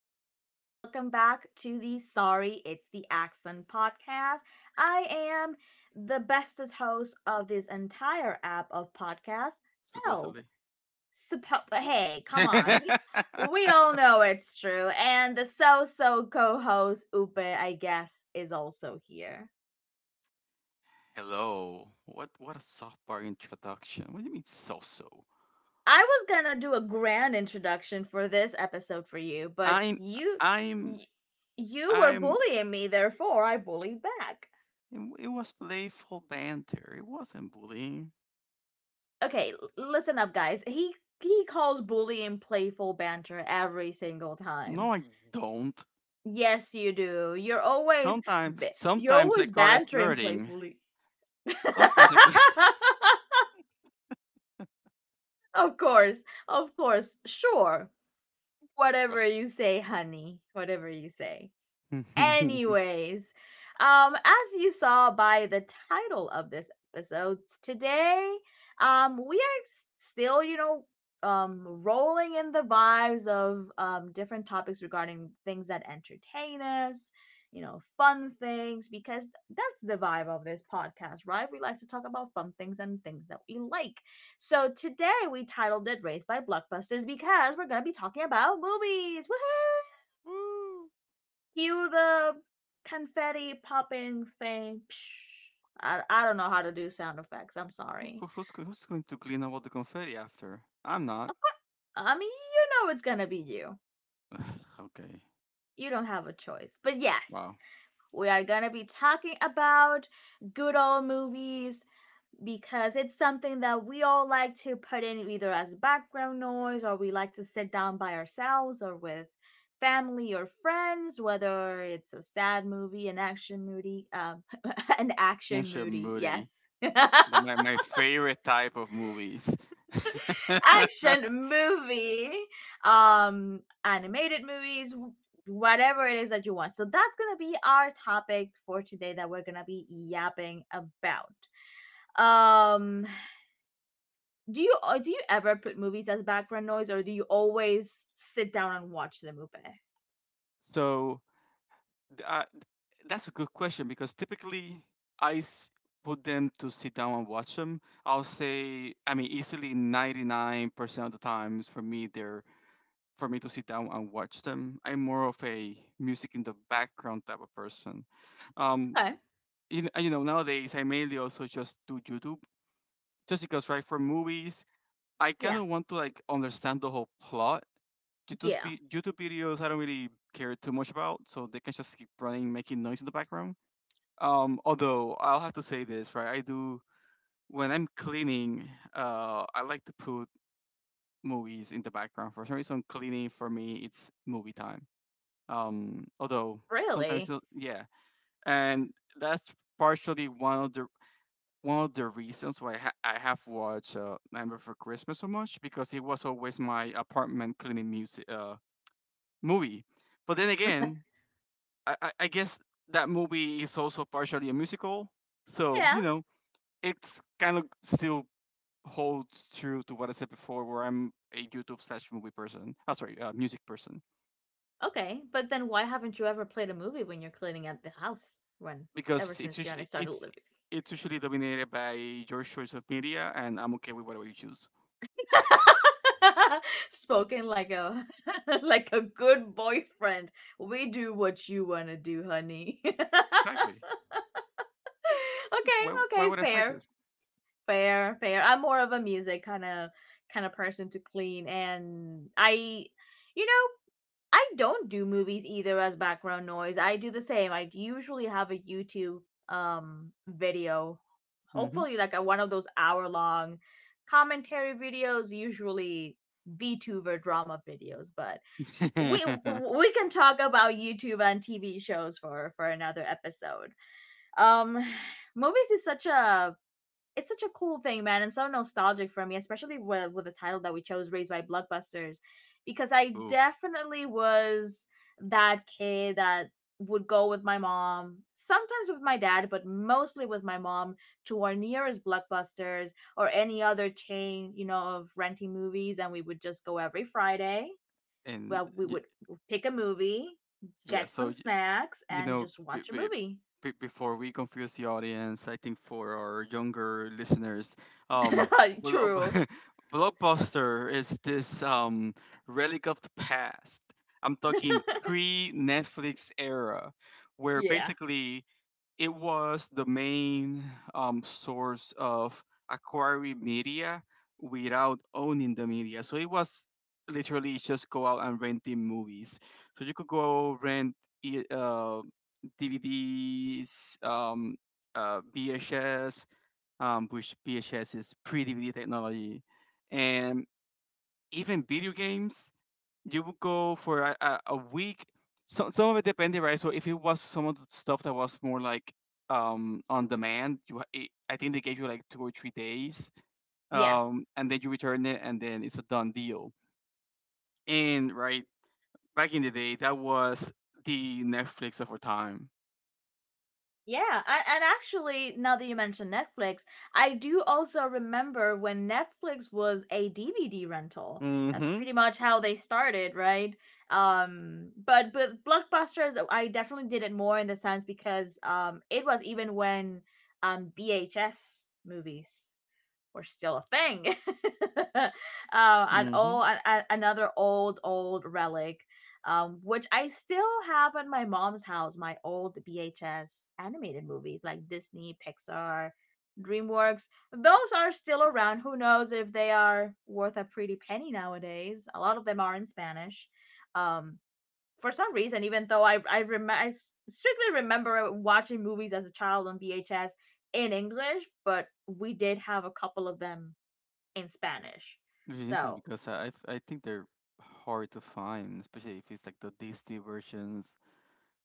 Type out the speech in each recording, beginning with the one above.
Sunday, and welcome back to the Sorry It's the Accent podcast. I am the bestest host of this entire app of podcasts, Elb. Supposedly. Hey, come on. We we all know it's true. And the co host, Upe, I guess, is also here. Hello. What a softball introduction. What do you mean so so? I was gonna do a grand introduction for this episode for you, but I'm I'm y- you were I'm bullying me, therefore I bullied back. It was playful banter. It wasn't bullying. Okay, listen up guys. He calls bullying playful banter every single time. No, I don't. Yes, you do. Sometimes You're sometimes I always call it bantering flirting. playfully. Sometimes I call it Of course. Of course. Sure. Whatever trust. you say, honey. Whatever you say. Woo. Anyways, as you saw by the title of this episode, today, we are still, rolling in the vibes of different topics regarding things that entertain us, you know, fun things, because that's the vibe of this podcast, right? We like to talk about fun things and things that we like. So today we titled it "Raised by Blockbusters" because we're gonna be talking about movies. Woohoo! Who, Cue the confetti popping thing. I don't know how to do sound effects. I'm sorry. Who's going to clean up all the confetti after? I'm not. I mean, you know it's gonna be you. Ugh, okay. You don't have a choice. But yes, Wow. we are gonna be talking about good old movies because it's something that we all like to put in either as background noise or we like to sit down by ourselves or with family or friends, whether it's a sad movie, an action movie, an action Bunch of movie, moody. yes, My favorite type of movies. action movie, animated movies, whatever it is that you want. So that's going to be our topic for today that we're going to be yapping about. Um do you uh, do you ever put movies as background noise, or do you always sit down and watch the movie? so th- uh, that's a good question because typically I s- put them to sit down and watch them. I'll say, I mean, easily 99% of the times for me, they're for me to sit down and watch them. I'm more of a music in the background type of person. Um, Okay. You know, nowadays I mainly also just do YouTube just because, right, for movies, I kind Yeah. of want to like understand the whole plot Yeah. Due to videos I don't really care too much about, so they can just keep running, making noise in the background. Although I'll have to say this, right? I do when I'm cleaning. I like to put movies in the background. For some reason, cleaning for me it's movie time. Although Really? Yeah, and that's partially one of the reasons why I have watched Nightmare Before Christmas so much because it was always my apartment cleaning music movie. But then again, I guess that movie is also partially a musical, so Yeah, it's kind of still holds true to what I said before, where I'm a YouTube slash movie person. Oh, sorry, music person, okay, but then why haven't you ever played a movie when you're cleaning out the house, when ever because since you and I started living? it's usually dominated by your choice of media, and I'm okay with whatever you choose. Spoken like a like a good boyfriend. We do what you want to do, honey. Okay. Exactly. Why Okay, would I fight fair. this? Fair, fair. I'm more of a music kind of person to clean. And I you know, I don't do movies either as background noise. I do the same. I usually have a YouTube video. Hmm. Hopefully like a, one of those hour long commentary videos, usually VTuber drama videos, but we we can talk about YouTube and TV shows for another episode. Um movies is such a it's such a cool thing, man, and so nostalgic for me, especially with the title that we chose, "Raised by Blockbusters," because I Oof. definitely was that kid that would go with my mom, sometimes with my dad, but mostly with my mom to our nearest Blockbusters or any other chain, you know, of renting movies, and we would just go every Friday. And Well, we y- would pick a movie, yeah, get some so snacks, You and know, just b watch a b movie. b before we confuse the audience, I think for our younger listeners, um, blob True. Blockbuster is this relic of the past. I'm talking pre-Netflix era, where Yeah. basically it was the main source of acquiring media without owning the media. So it was literally just go out and renting movies. So you could go rent i- uh, DVDs, VHS, which VHS is pre DVD technology, and even video games you would go for a week. Some of it depended, right? So if it was some of the stuff that was more like on demand, it, I think they gave you like 2 or 3 days, Yeah. And then you return it, and then it's a done deal. And right back in the day, that was the Netflix of our time. Yeah, and actually, now that you mention Netflix, I do also remember when Netflix was a DVD rental. That's Mm-hmm. pretty much how they started, right? But blockbusters, I definitely did it more in the sense because it was even when VHS movies were still a thing. uh, an Mm-hmm. old, an, another old, old relic, which I still have in my mom's house. My old VHS animated movies like Disney, Pixar, DreamWorks. Those are still around. Who knows if they are worth a pretty penny nowadays? A lot of them are in Spanish. Um, for some reason, even though I strictly remember watching movies as a child on VHS in English, but we did have a couple of them in Spanish. Which is interesting So, because I think they're hard to find, especially if it's like the Disney versions.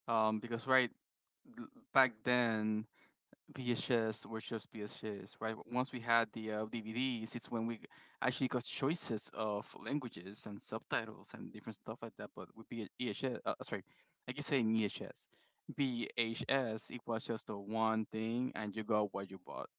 Because right l- back then VHS were just VHS, right? Once we had the DVDs, it's when we actually got choices of languages and subtitles and different stuff like that. But with VHS, sorry, I keep saying VHS. VHS, it was just the one thing, and you got what you bought.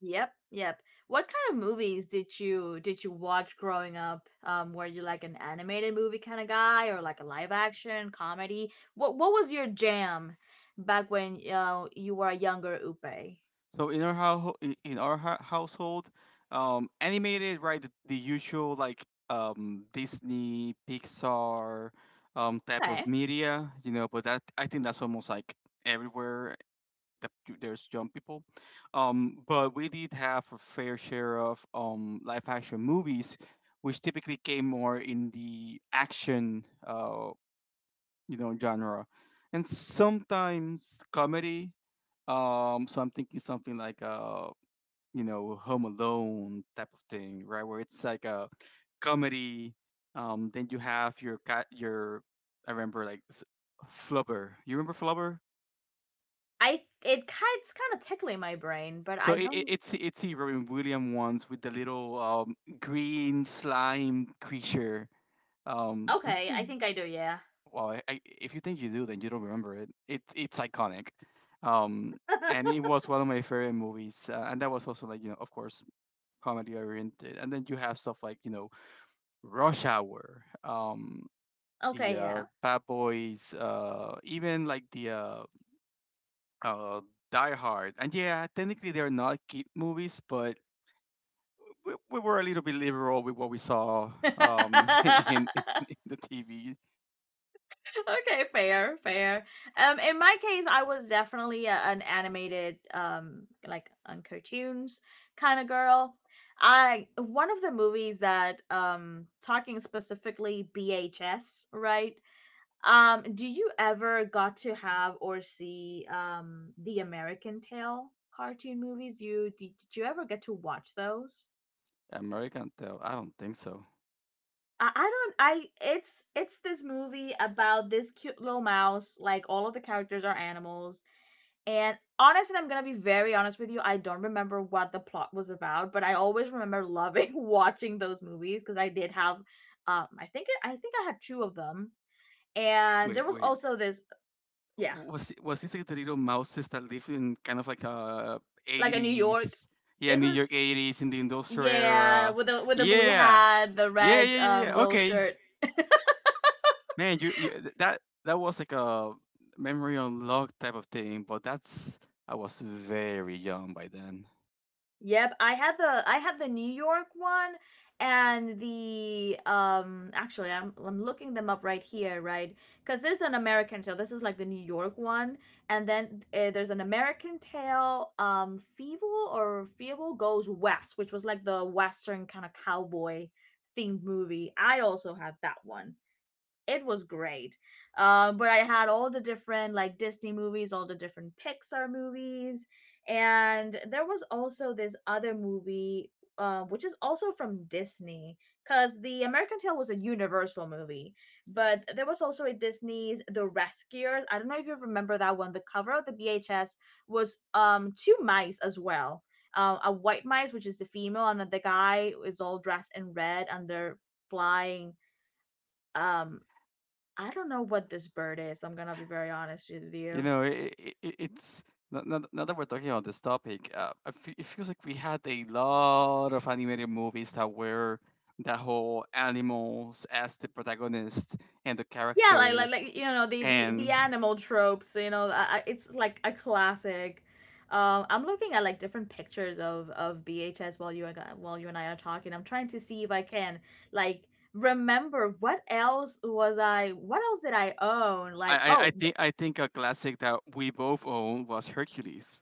yep, yep. What kind of movies did you watch growing up? Were you like an animated movie kind of guy, or like a live action comedy? What was your jam back when you were a younger Upe? So in our hou- household, animated, right? The usual like Disney, Pixar, type of Okay, media, you know. But that I think that's almost like everywhere the, there's young people. But we did have a fair share of live action movies, which typically came more in the action, you know, genre, and sometimes comedy. So I'm thinking something like you know, Home Alone type of thing, right? Where it's like a comedy. Then you have your cat, your I remember like s- Flubber. You remember Flubber? It's kind of tickling my brain, but So I don't. It's the Robin Williams ones with the little green slime creature. Do you Okay, I remember? think I do, yeah. Well, if you think you do, then you don't remember it. It it's iconic, um, and it was one of my favorite movies. And that was also like you know, of course, comedy oriented. And then you have stuff like you know, Rush Hour, the Okay, yeah. Bad Boys, even like the uh, Die Hard. And yeah, technically they're not kid movies, but we were a little bit liberal with what we saw um, in, in the TV. Okay, fair, fair. Um, in my case I was definitely a, an animated like on cartoons kind of girl. I one of the movies that talking specifically BHS, right? Do you ever got to have or see the American Tail cartoon movies? You did you ever get to watch those? American Tale. I don't think so. I don't I it's this movie about this cute little mouse, like all of the characters are animals. And honestly, I'm gonna be very honest with you, I don't remember what the plot was about, but I always remember loving watching those movies because I did have um, I think I had two of them. And there Wait, was wait. also this yeah, Was it- was this like the little mouses that live in kind of like like a New York eighties? Yeah, it New was York eighties in the industrial yeah, era. with a blue Yeah, hat, the red yeah. little Okay, shirt. man, you th- that that was like a memory unlocked type of thing. But that's I was very young by then. Yep, I had the New York one and the actually I'm looking them up right here, right? Cuz there's an American Tail. This is like the New York one, and then there's an American Tail, um, Feeble or Feeble Goes West, which was like the western kind of cowboy themed movie. I also had that one. It was great. But I had all the different like Disney movies, all the different Pixar movies, and there was also this other movie, which is also from Disney, because the American Tail was a Universal movie, but there was also a Disney's The Rescuers. I don't know if you remember that one. The cover of the BHS was two mice as well. A white mice, which is the female, and then the guy is all dressed in red, and they're flying um I don't know what this bird is. I'm gonna be very honest with You you. know, it's now, now that we're talking about this topic, it feels like we had a lot of animated movies that were that whole animals as the protagonist and the Yeah, like characters, you know the and animal tropes. You know, it's like a classic. I'm looking at like different pictures of BHS while while you and I are talking. I'm trying to see if I can like remember what else was I what else did I own? Like, oh. I think a classic that we both own was Hercules.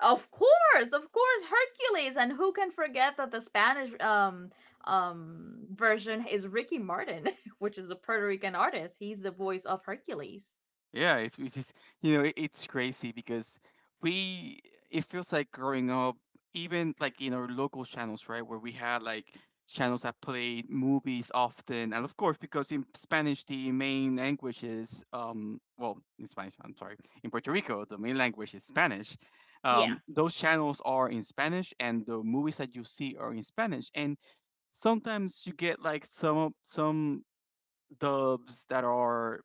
Of course, Hercules, and who can forget that the Spanish version is Ricky Martin, which is a Puerto Rican artist. He's the voice of Hercules. Yeah, it's just, you know, it, it's crazy because we, it feels like growing up, even like in our local channels, right, where we had like channels that played movies often. And of course, because in Spanish, the main language is, well, in Spanish, I'm sorry, in Puerto Rico, the main language is Spanish. Yeah. Those channels are in Spanish and the movies that you see are in Spanish. And sometimes you get like some dubs that are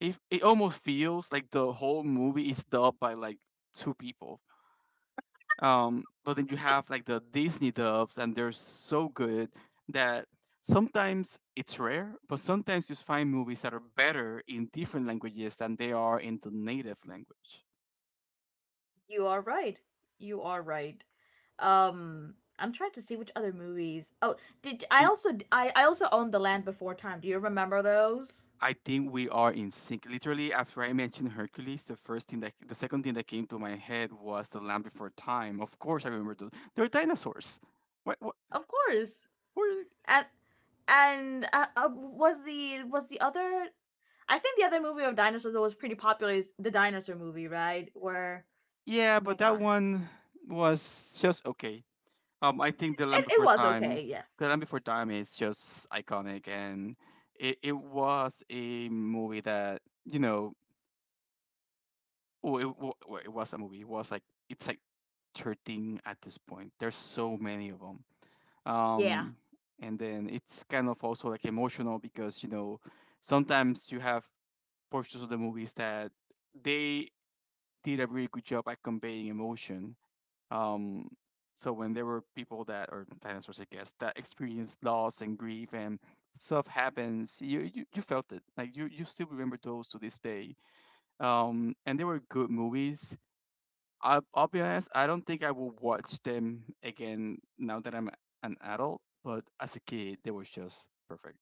it it almost feels like the whole movie is dubbed by like two people. But then you have like the Disney dubs, and they're so good that sometimes it's rare, but sometimes you find movies that are better in different languages than they are in the native language. You are right. You are right. I'm trying to see which other movies. Oh, did The- I also owned The Land Before Time. Do you remember those? I think we are in sync. Literally, after I mentioned Hercules, the second thing that came to my head was The Land Before Time. Of course, I remember those. They're dinosaurs. What? What Of course. where and and was the other? I think the other movie of dinosaurs that was pretty popular is the dinosaur movie, right? Where Yeah, oh my but that god, one was just okay. I think it was okay, yeah, the Land Before Time is just iconic, and it was a movie that you know, well, it was a movie. It's like 13 at this point. There's so many of them. yeah, Um, and then it's kind of also like emotional because you know sometimes you have portions of the movies that they did a really good job at conveying emotion. Um, so when there were people that, or dinosaurs, I guess, that experienced loss and grief and stuff happens, you felt it. Like you still remember those to this day. And they were good movies. I'll be honest, I don't think I will watch them again now that I'm an adult. But as a kid, they were just perfect.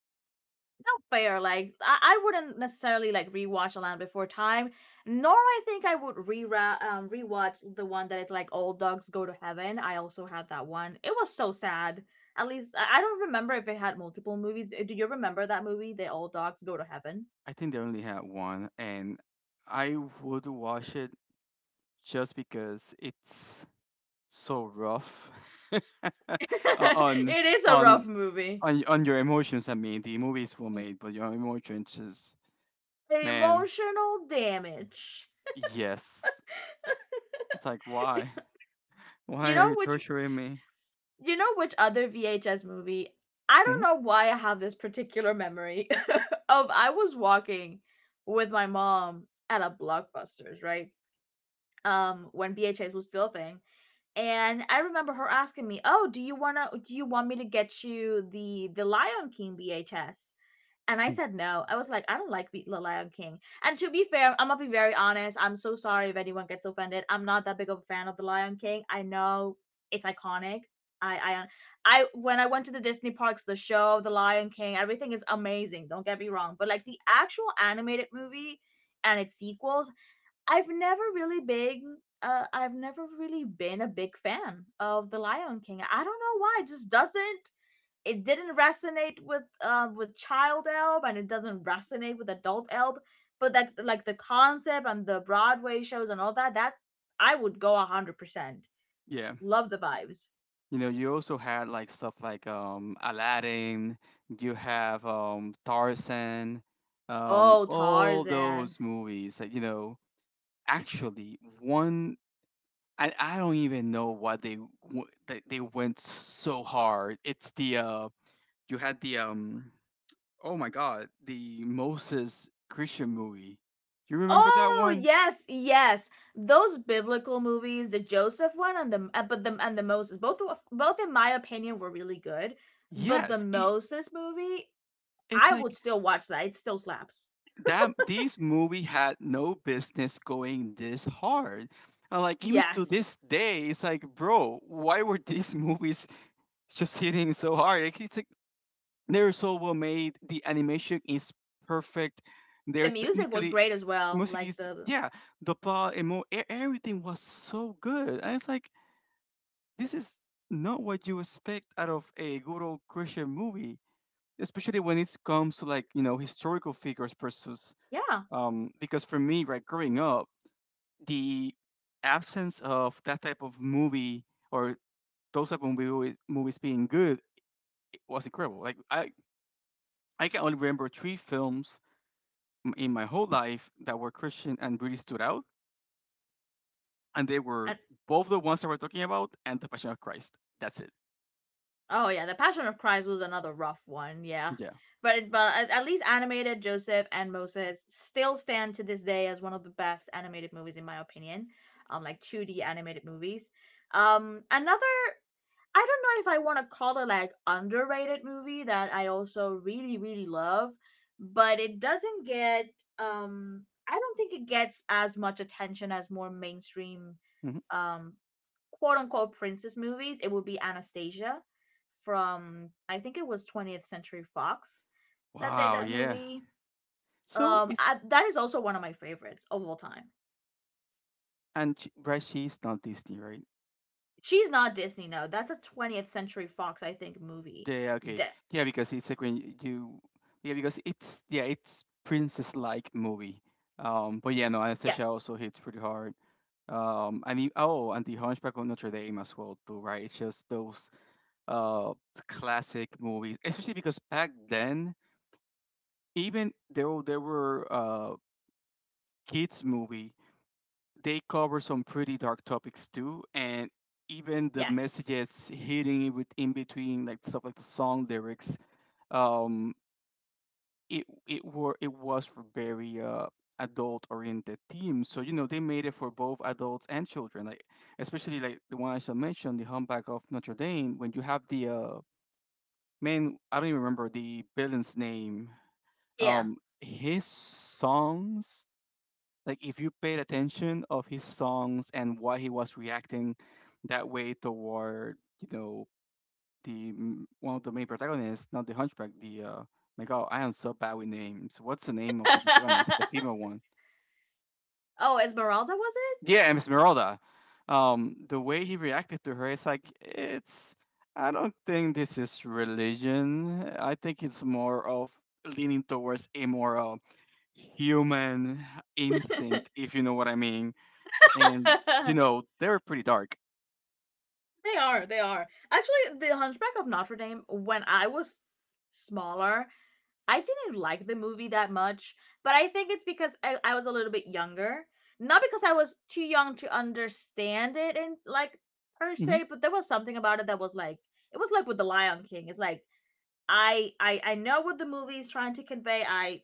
fair. Like I wouldn't necessarily like rewatch A Land Before Time, nor I think I would re rewatch the one that is like Old Dogs Go to Heaven. I also had that one. It was so sad. At least I don't remember if it had multiple movies. Do you remember that movie, The Old Dogs Go to Heaven? I think they only had one, and I would watch it just because it's so rough on It is a on rough movie. On your emotions. I mean, the movies were made, but your emotions just man, Emotional damage. yes. It's like why you are know you which torturing me? you know which other VHS movie? I Hmm. don't know why I have this particular memory of I was walking with my mom at a Blockbusters, right? Um, when VHS was still a thing, and I remember her asking me, "Oh, do you wanna? Do you want me to get you the Lion King VHS?" And I said no. I was like, I don't like The Lion King. And to be fair, I'm gonna be very honest. I'm so sorry if anyone gets offended. I'm not that big of a fan of The Lion King. I know it's iconic. I I I when I went to the Disney parks, the show, The Lion King, everything is amazing. Don't get me wrong, but like the actual animated movie and its sequels I've never really big. I've never really been a big fan of The Lion King. I don't know why. It just doesn't. It didn't resonate with child Elb, and it doesn't resonate with adult Elb. But like the concept and the Broadway shows and all that, I would go 100%. Yeah, Love the vibes. you know, you also had like stuff like Aladdin. You have Tarzan, Oh, all Tarzan. those movies that you know. Actually, one I don't even know why they they went so hard. It's the you had the um oh my god, the Moses Christian movie. You remember that Oh one? yes, yes. Those biblical movies, the Joseph one and the but the and the Moses, both were- both in my opinion were really good. But the Yes, Moses movie, it's I would like still watch that. It still slaps. that this movie had no business going this hard. And like even to Yes, this day, it's like, bro, why were these movies just hitting so hard? Like, it's like they're so well made. The animation is perfect. the They're music was technically great as well. music Like is the yeah. The plot, e- everything was so good. And it's like this is not what you expect out of a good old Christian movie, especially when it comes to like, you know, historical figures versus yeah. Because for me, right, growing up, the absence of that type of movie or those type of movie, movies being good was incredible. Like I can only remember 3 films in my whole life that were Christian and really stood out, and they were both the ones that we're talking about and The Passion of Christ. That's it. Oh yeah, the Passion of Christ was another rough one. Yeah, Yeah. but at least animated Joseph and Moses still stand to this day as one of the best animated movies in my opinion. Like two D animated movies. Another I don't know if I want to call it like underrated movie that I also really love, but it doesn't get I don't think it gets as much attention as more mainstream Hmm. um quote unquote princess movies. It would be Anastasia from, I think, it was 20th Century Fox that did Wow. that Yeah. movie. So it's. That is also one of my favorites of all time. Right, she's not Disney, right? She's not Disney, no. That's a 20th Century Fox, I think, movie. Yeah, yeah, okay. De- Yeah, because it's like yeah, because it's yeah, it's princess-like movie. But yeah, no, Anastasia yes. also hits pretty hard. Oh, and the Hunchback of Notre Dame as well too, right? It's just those uh classic movies, especially because back then, even though there were kids movie, they cover some pretty dark topics too, and even the Yes. messages hitting it with in between, like stuff like the song lyrics. um, it it were it was for very adult oriented themes. So you know they made it for both adults and children, like especially like the one I shall mention, the Humpback of Notre Dame, when you have the man, I don't even remember the villain's name. Yeah. His songs, like if you paid attention of his songs and why he was reacting that way toward, you know, the one of the main protagonists, not the hunchback, the my god, I am so bad with names. What's the name of the protagonist, the female one? Oh, Esmeralda, was Yeah, Esmeralda. Um, the way he reacted to her is like, it's, I don't think this is religion, I think it's more of leaning towards a more human it? instinct, if you know what I mean. And you know they were pretty dark. They are, they are. Actually, The Hunchback of Notre Dame, when I was smaller, I didn't like the movie that much, but I think it's because I was a little bit younger. Not because I was too young to understand it and like, per Hmm. se, but there was something about it that was like it was like with The Lion King. It's like I know what the movie is trying to convey. I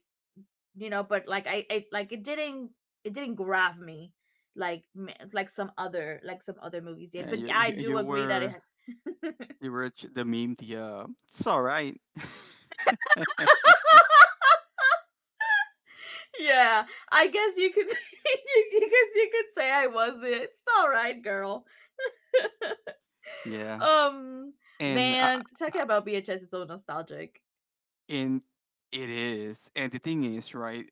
you know but like I like it didn't, it didn't grab me like like some other movies did. Yeah, But you yeah, I you, do you agree that it were, had you were the meme. The it's all right. yeah, I guess you could. You guess you could say I was the it's all right girl. Yeah, um and uh, Man, uh, talking about bhs is so nostalgic. and it is. And the thing is, right?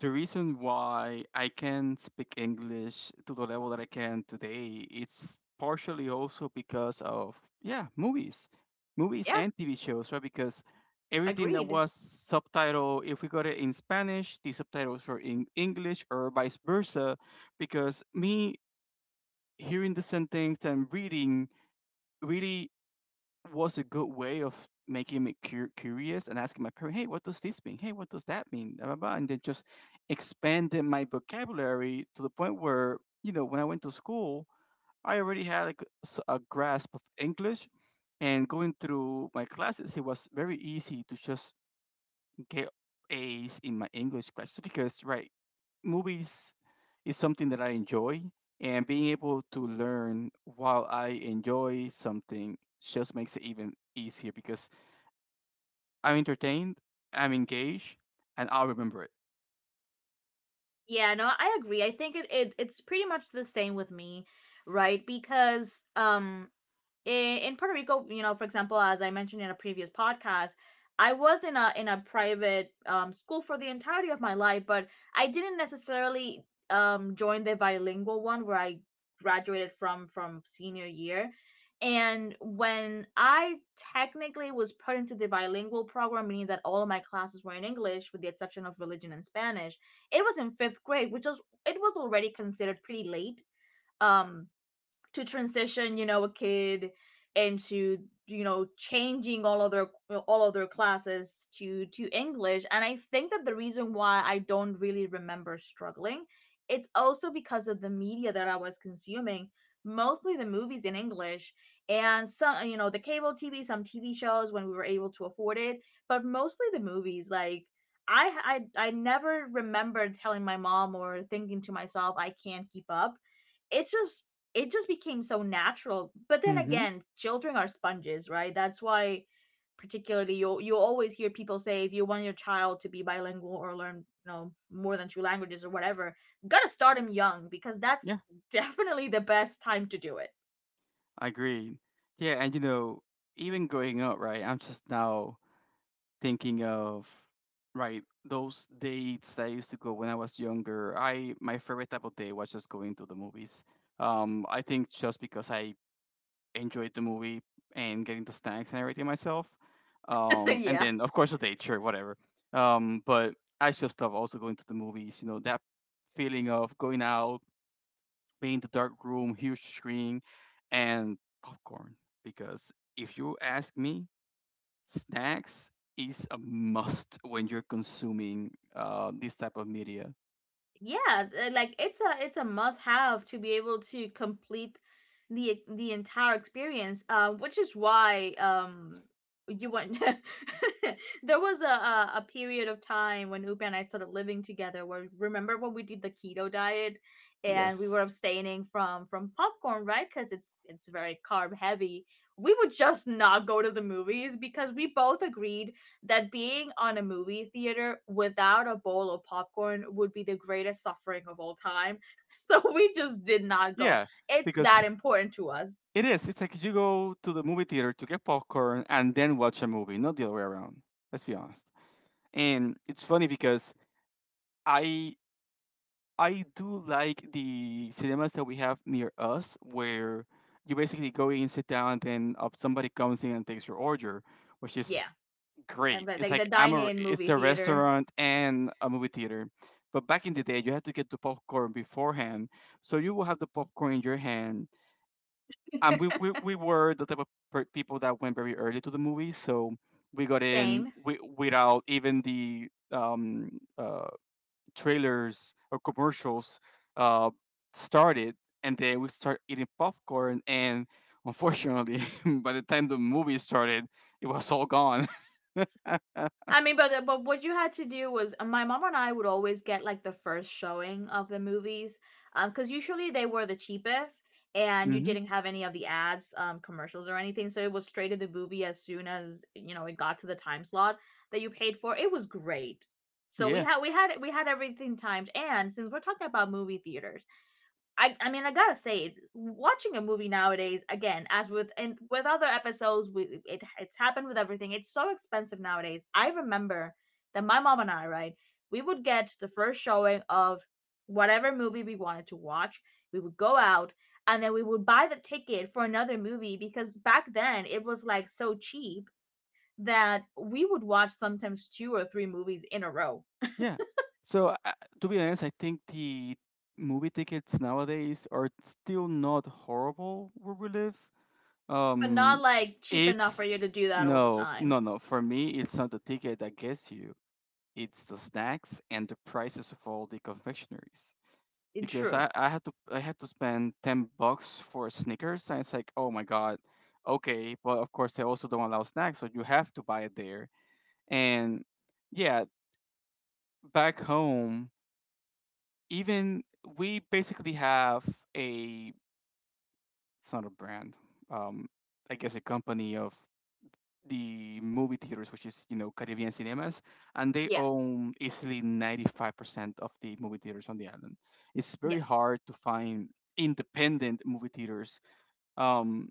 The reason why I can speak English to the level that I can today, it's partially also because of, yeah, movies. Movies Yeah, and TV shows, right? Because everything that agreed. was subtitled, if we got it in Spanish, the subtitles were in English or vice versa. Because me hearing the sentence and reading really was a good way of making me curious and asking my parents, hey, what does this mean? Hey, what does that mean? Blah, blah, blah. And then just expanded my vocabulary to the point where, you know, when I went to school, I already had like a grasp of English. And going through my classes, it was very easy to just get A's in my English classes because, right, movies is something that I enjoy, and being able to learn while I enjoy something just makes it even easier because I'm entertained, I'm engaged, and I'll remember it. Yeah, no, I agree. I think it's pretty much the same with me, right? Because um in, Puerto Rico, you know, for example, as I mentioned in a previous podcast, I was in a private, school for the entirety of my life, but I didn't necessarily, join the bilingual one where I graduated from senior year. And when I technically was put into the bilingual program, meaning that all of my classes were in English with the exception of religion and Spanish, it was in fifth grade, which was, it was already considered pretty late, um to transition, you know, a kid into, you know, changing all of their, all of their classes to English. And I think that the reason why I don't really remember struggling, it's also because of the media that I was consuming, mostly the movies in English, and some, you know, the cable TV, some TV shows when we were able to afford it, but mostly the movies. Like I never remember telling my mom or thinking to myself, I can't keep up. It's just, it just became so natural. But then Mm-hmm. again, children are sponges, right? That's why particularly you'll always hear people say, if you want your child to be bilingual or learn, you know, more than two languages or whatever, you gotta start them young because that's Yeah, definitely the best time to do it. I agree. Yeah, and you know, even growing up, right, I'm just now thinking of, right, those dates that I used to go when I was younger. I, my favorite type of day was just going to the movies. I think just because I enjoyed the movie and getting the snacks and everything myself. And Yeah. then of course the date, sure, whatever. But I just love also going to the movies. You know that feeling of going out, being in the dark room, huge screen, and popcorn. Because if you ask me, snacks is a must when you're consuming this type of media. Yeah, like it's a, it's a must have to be able to complete the entire experience, which is why you went. There was a, a period of time when Upa and I started living together where, remember when we did the keto diet and we were Yes. abstaining from popcorn, right? Because it's very carb heavy, we would just not go to the movies because we both agreed that being on a movie theater without a bowl of popcorn would be the greatest suffering of all time. So we just did not go. Yeah, It's that because important to us. it is. It's like you go to the movie theater to get popcorn and then watch a movie, not the other way around. Let's be honest. And it's funny because I I do like the cinemas that we have near us where you basically go in, sit down, and then somebody comes in and takes your order, which is Yeah. And great. It's the like I'm dine a, in it's movie a theater. restaurant and a movie theater. But back in the day, you had to get the popcorn beforehand, so you will have the popcorn in your hand. And we we, we were the type of people that went very early to the movies, so we got in Same. Without even the uh, trailers or commercials uh, started, and then we start eating popcorn. And unfortunately, by the time the movie started, it was all gone. I mean, but what you had to do was, my mom and I would always get like the first showing of the movies, because usually they were the cheapest, and you didn't have any of the ads, commercials or anything. So it was straight to the movie as soon as, you know, it got to the time slot that you paid for. It was great. So we Hmm. had, we had everything timed. And since we're talking about movie theaters, I mean, I gotta say, watching a movie nowadays, again, as with, and with other episodes, we, it, it's happened with everything, it's so expensive nowadays. I remember that my mom and I, right, we would get the first showing of whatever movie we wanted to watch, we would go out, and then we would buy the ticket for another movie, because back then it was like so cheap that we would watch sometimes two or three movies in a row. Yeah. So to be honest, I think the movie tickets nowadays are still not horrible where we live. But not Um, like cheap enough for it's, you to do that all the no, time. no, no. For me, it's not the ticket that gets you. It's the snacks and the prices of all the confectionaries. Because True. I had to spend 10 bucks for Snickers, and it's like, oh my god, okay. But of course, they also don't allow snacks, so you have to buy it there. And yeah, back home, even, we basically have a, it's not a brand, um I guess a company of the movie theaters, which is, you know, Caribbean Cinemas, and they Yeah. own easily 95% of the movie theaters on the island. It's very Yes. hard to find independent movie theaters. um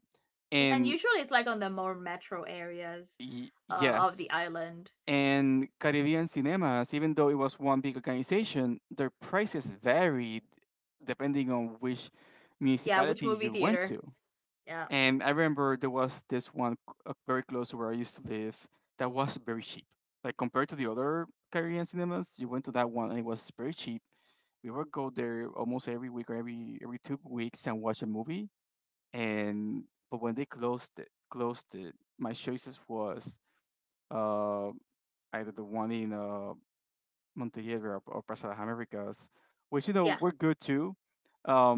Mm. And and usually it's like on the more metro areas, of the yes. island. And Caribbean Cinemas, even though it was one big organization, their prices varied depending on which Yeah, which municipality movie you went to. theater? Yeah. And I remember there was this one very close to where I used to live that was very cheap. Like compared to the other Caribbean Cinemas, you went to that one and it was very cheap. We would go there almost every week or every 2 weeks and watch a movie. And, but when they closed it, my choices was uh either the one in Montenegro, or Plaza de las Americas, which, you know, Yeah, were good too.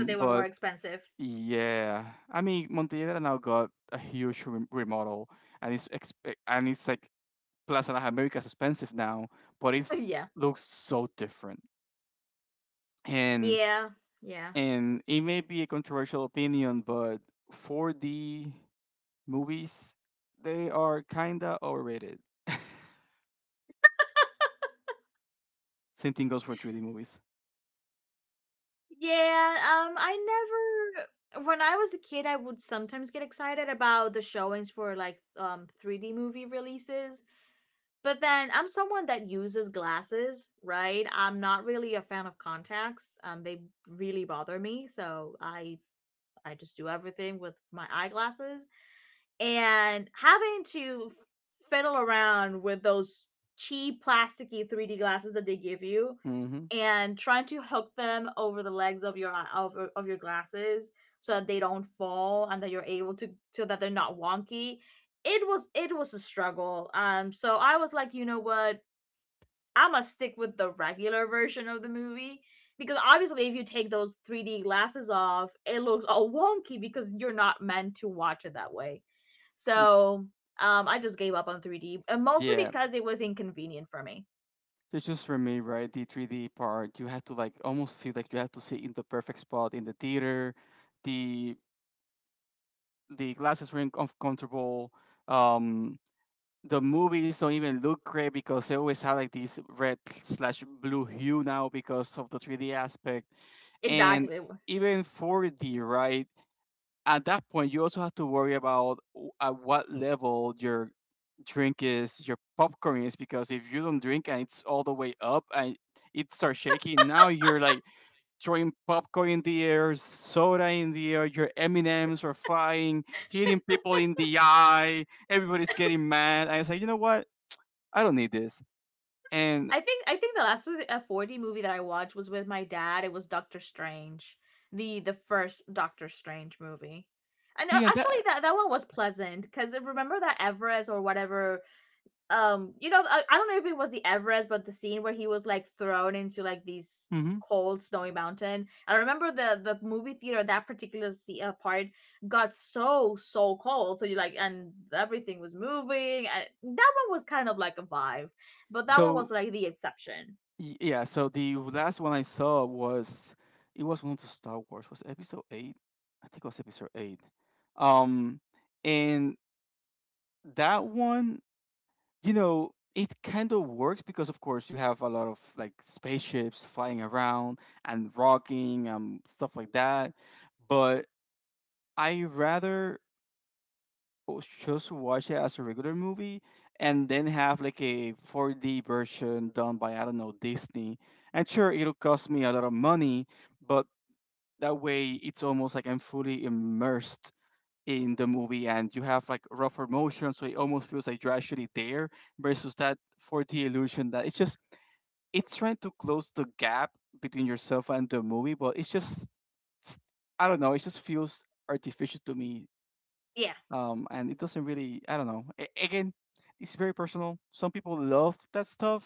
but they were more But expensive. yeah, I mean Montenegro now got a huge remodel, and it's and it's like Plaza de las Americas expensive now, but it's, Yeah. looks so different. And Yeah. Yeah. and it may be a controversial opinion, but 4D movies, they are kinda overrated. Same thing goes for 3D movies. Yeah, I never, when I was a kid I would sometimes get excited about the showings for like, 3D movie releases. But then I'm someone that uses glasses, right? I'm not really a fan of contacts. They really bother me, so I just do everything with my eyeglasses. And having to fiddle around with those cheap plasticky 3D glasses that they give you Hmm. and trying to hook them over the legs of your, of your glasses, so that they don't fall and that you're able to, so that they're not wonky, it was, it was a struggle. So I was like, you know what, I'm gonna stick with the regular version of the movie, because obviously, if you take those 3D glasses off, it looks all wonky because you're not meant to watch it that way. So I just gave up on 3D, and mostly Yeah, because it was inconvenient for me. so just for me, right, the 3D part, you have to like almost feel like you have to sit in the perfect spot in the theater. The the glasses were uncomfortable. Um, the movies don't even look great because they always have like these red slash blue hue now because of the 3D aspect. And Exactly. even 4D, right? At that point you also have to worry about at what level your drink is, your popcorn is, because if you don't drink and it's all the way up and it starts shaking, now you're like throwing popcorn in the air, soda in the air, your m&ms are flying, hitting people in the eye, everybody's getting mad, and it's like, you know what, I don't need this. And I think the last, 4D movie that I watched was with my dad. It was Doctor Strange, the first Doctor Strange movie. And see, and actually, that. that that one was pleasant because, remember that Everest or whatever, you know, I don't know if it was the Everest, but the scene where he was like thrown into like these Hmm. cold snowy mountain, I remember the movie theater, that particular, part got so so cold. So you like, and everything was moving, and that one was kind of like a vibe. But that one was So like the exception. Yeah, so the last one I saw was, it was one of the Star Wars. Was it episode eight? I think it was episode eight. Um, and that one, you know, it kind of works because of course you have a lot of like spaceships flying around and rocking and stuff like that. But I rather just watch it as a regular movie and then have like a 4D version done by, I don't know, Disney. And sure, it'll cost me a lot of money, but that way it's almost like I'm fully immersed in the movie and you have like rougher motion, so it almost feels like you're actually there versus that 4D illusion that it's just, it's trying to close the gap between yourself and the movie, but it's just s- I don't know, it just feels artificial to me. Yeah. And it doesn't really, I don't know. Again, it's very personal. Some people love that stuff,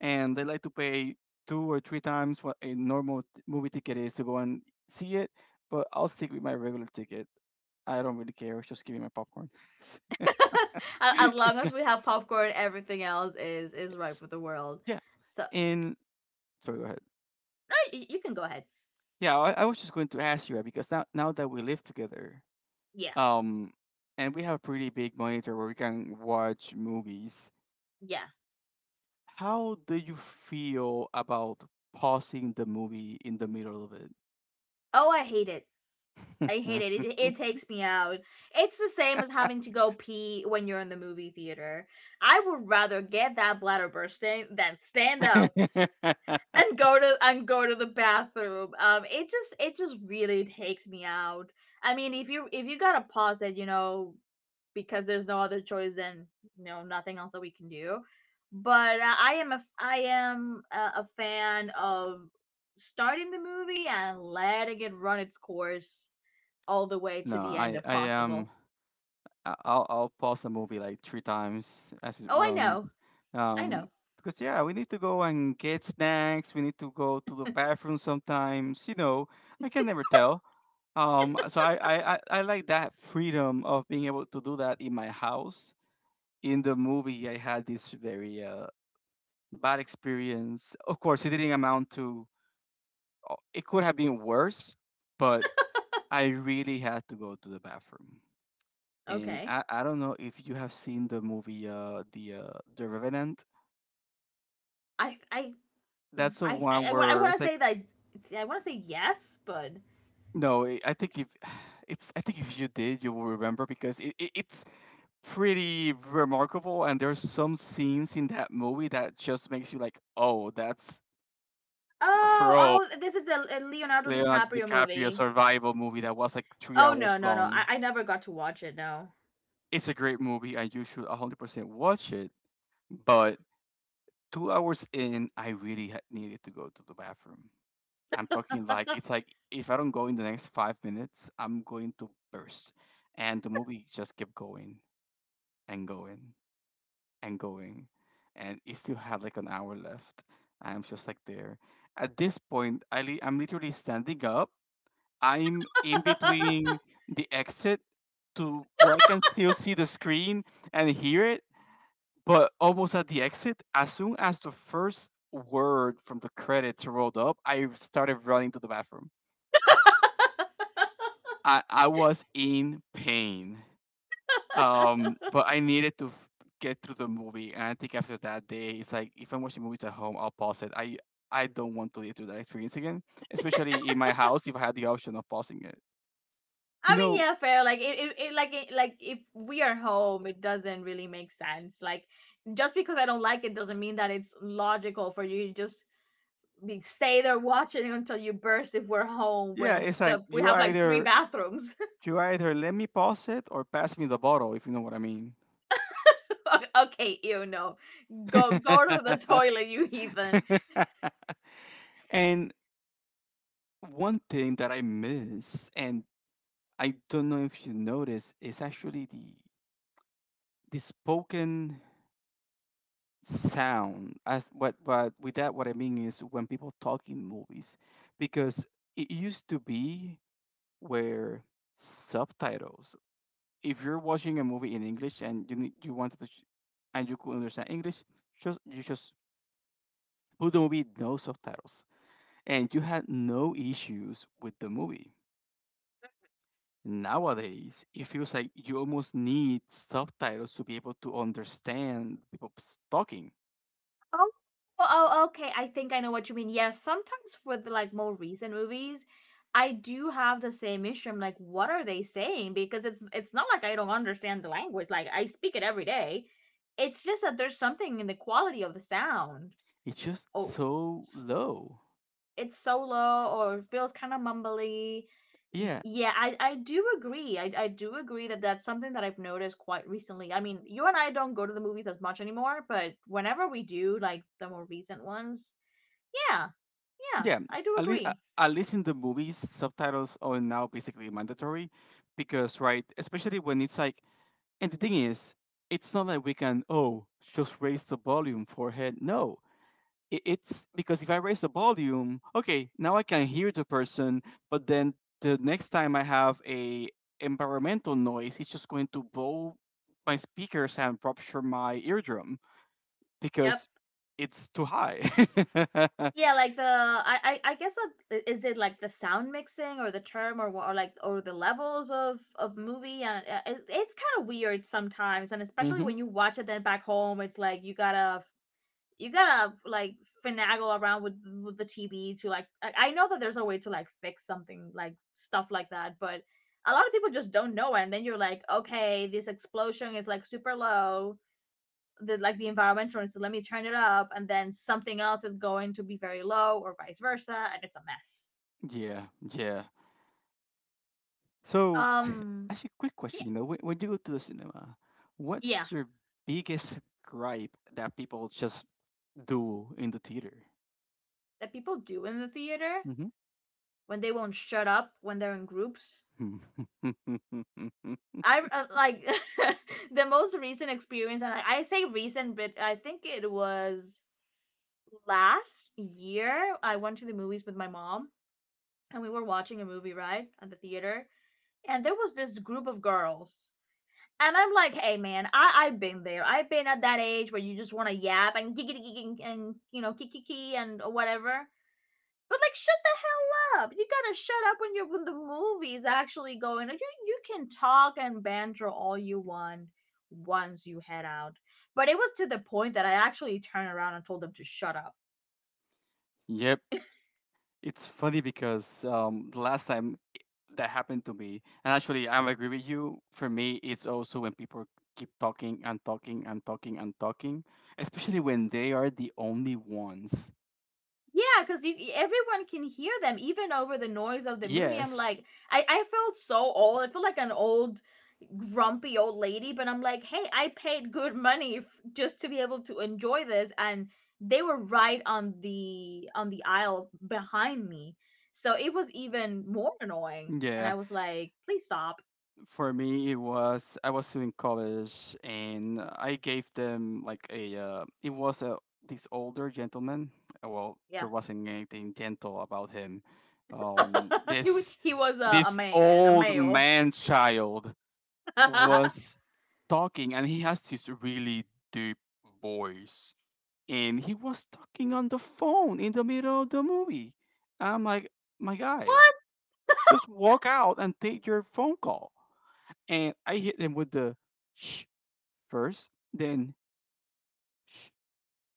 and they like to pay two or three times what a normal movie ticket is to go and see it. But I'll stick with my regular ticket. I don't really care. Just give me my popcorn. As long as we have popcorn, everything else is right Yes. with the world. Yeah. So no, And sorry, go ahead. You can go ahead. Yeah, I was just going to ask you because now that we live together, Yeah. um, and we have a pretty big monitor where we can watch movies, Yeah. how do you feel about pausing the movie in the middle of it? Oh, I hate it. I hate it. It takes me out. It's the same as having to go pee when you're in the movie theater. I would rather get that bladder bursting than stand up and go to, and go to the bathroom. It just, it just really takes me out. I mean, if you, if you gotta pause it, you know, because there's no other choice, then, you know, nothing else that we can do. But, I am a, I am a fan of starting the movie and letting it run its course all the way to No, the end if possible. I'll pause the movie like three times as it Oh, I runs. know. I Um, know. because yeah, we need to go and get snacks, we need to go to the bathroom sometimes, you know. I can never tell. Um, so I like that freedom of being able to do that in my house. In the movie I had this very bad experience. Of course, it didn't amount to, oh, it could have been worse, but I really had to go to the bathroom. And Okay. I don't know if you have seen the movie, the Revenant. I I That's the one I where want to it's like, say that, I want to say yes, but no. I think if it's, I think if you did, you will remember because it's pretty remarkable and there's some scenes in that movie that just makes you like, oh, that's, oh, crow, oh, this is a Leonardo Leonardo DiCaprio DiCaprio movie. survival movie that was like three Oh no, hours no, no! Long. I never got to watch it. No. It's a great movie, and you should 100% watch it. But 2 hours in, I really needed to go to the bathroom. I'm talking like it's like, if I don't go in the next 5 minutes, I'm going to burst. And the movie just kept going and going and going, and it still had like an hour left. I'm just like there. At this point, I'm literally standing up. I'm in between the exit to where I can still see the screen and hear it, but almost at the exit, as soon as the first word from the credits rolled up, I started running to the bathroom. I was in pain. But I needed to get through the movie. And I think after that day, it's like if I'm watching movies at home, I'll pause it. I don't want to live through that experience again, especially in my house if I had the option of pausing it. You I mean, know, yeah, fair. Like it like it, like if we are home, it doesn't really make sense. Like, just because I don't like it doesn't mean that it's logical for you to just, we stay there watching until you burst if we're home yeah, when it's like the we have like three bathrooms. you either let me pause it or pass me the bottle, if you know what I mean. Okay, you know, go, go to the toilet, you heathen. And one thing that I miss, and I don't know if you notice, is actually the spoken sound. As what with that what I mean is when people talk in movies, because it used to be where subtitles. If you're watching a movie in English and you wanted to, and you could understand English, just you just put the movie no subtitles, and you had no issues with the movie. Nowadays, it feels like you almost need subtitles to be able to understand people's talking. Oh, oh, okay. I think I know what you mean. Yes, sometimes with like more recent movies, I do have the same issue. I'm like, what are they saying? Because it's not like I don't understand the language. Like I speak it every day. It's just that there's something in the quality of the sound. It's just Oh, so s- low. it's solo, or it feels kind of mumbly. Yeah, Yeah, I do agree. I do agree that that's something that I've noticed quite recently. I mean, you and I don't go to the movies as much anymore, but whenever we do, like the more recent ones, yeah, yeah, yeah. I do At least, agree. at least in the movies, subtitles are now basically mandatory because, right, especially when it's like, and the thing is, it's not like we can, oh, just raise the volume for head. No, it's because if I raise the volume, okay, now I can hear the person, but then the next time I have a environmental noise, it's just going to blow my speakers and rupture my eardrum Yep. because it's too high. Yeah, like I guess is it like the sound mixing or the term or the levels of movie and it's kind of weird sometimes, and especially Hmm. when you watch it then back home, it's like you gotta like finagle around with the TV to like. I know that there's a way to like fix something like stuff like that, but a lot of people just don't know it. And then you're like, okay, this explosion is like super low. The environmental, so let me turn it up, and then something else is going to be very low, or vice versa, and it's a mess. Yeah, yeah. So, Um, actually, quick yeah, question. You know, when you go to the cinema, yeah, what's your biggest gripe that people just do in the theater? that people do in the theater when they won't shut up when they're in groups. Mm-hmm. I like the most recent experience, and I say recent, but I think it was last year. I went to the movies with my mom, and we were watching a movie right at the theater, and there was this group of girls. And I'm like, hey man, I've been there. I've been at that age where you just want to yap and giggity gigging and you know kiki and whatever. But like, shut the hell up! You gotta shut up when you're when the movie's actually going. You can talk and banter all you want once you head out. But it was to the point that I actually turned around and told them to shut up. Yep. It's funny because the last time that happened to me, and actually I agree with you. For me, it's also when people keep talking and talking and talking and talking, especially when they are the only ones. Yeah, because you everyone can hear them, even over the noise of the movie. I'm Yes, like, I felt so old. I feel like an old grumpy old lady, but I'm like, hey, I paid good money f- just to be able to enjoy this, and they were right on the aisle behind me, so it was even more annoying. And I yeah. was like, please stop. For me, it was I was still in college, and I gave them like a. It was a this older gentleman. Well, there Yeah, wasn't anything gentle about him. He wa- This he was a man, a old male. man child What? was talking, and he has this really deep voice, and he was talking on the phone in the middle of the movie. I'm like, my guy, just walk out and take your phone call, and I hit him with the shh first, then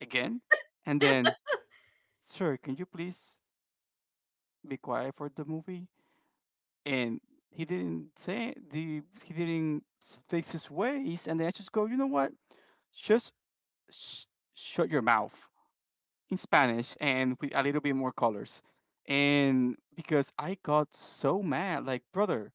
again, and then, sir, can you please be quiet for the movie? And he didn't say the he didn't s- fix his ways, and then I just go, you know what? Just sh- shut your mouth in Spanish and with a little bit more colors. And because I got so mad, like brother,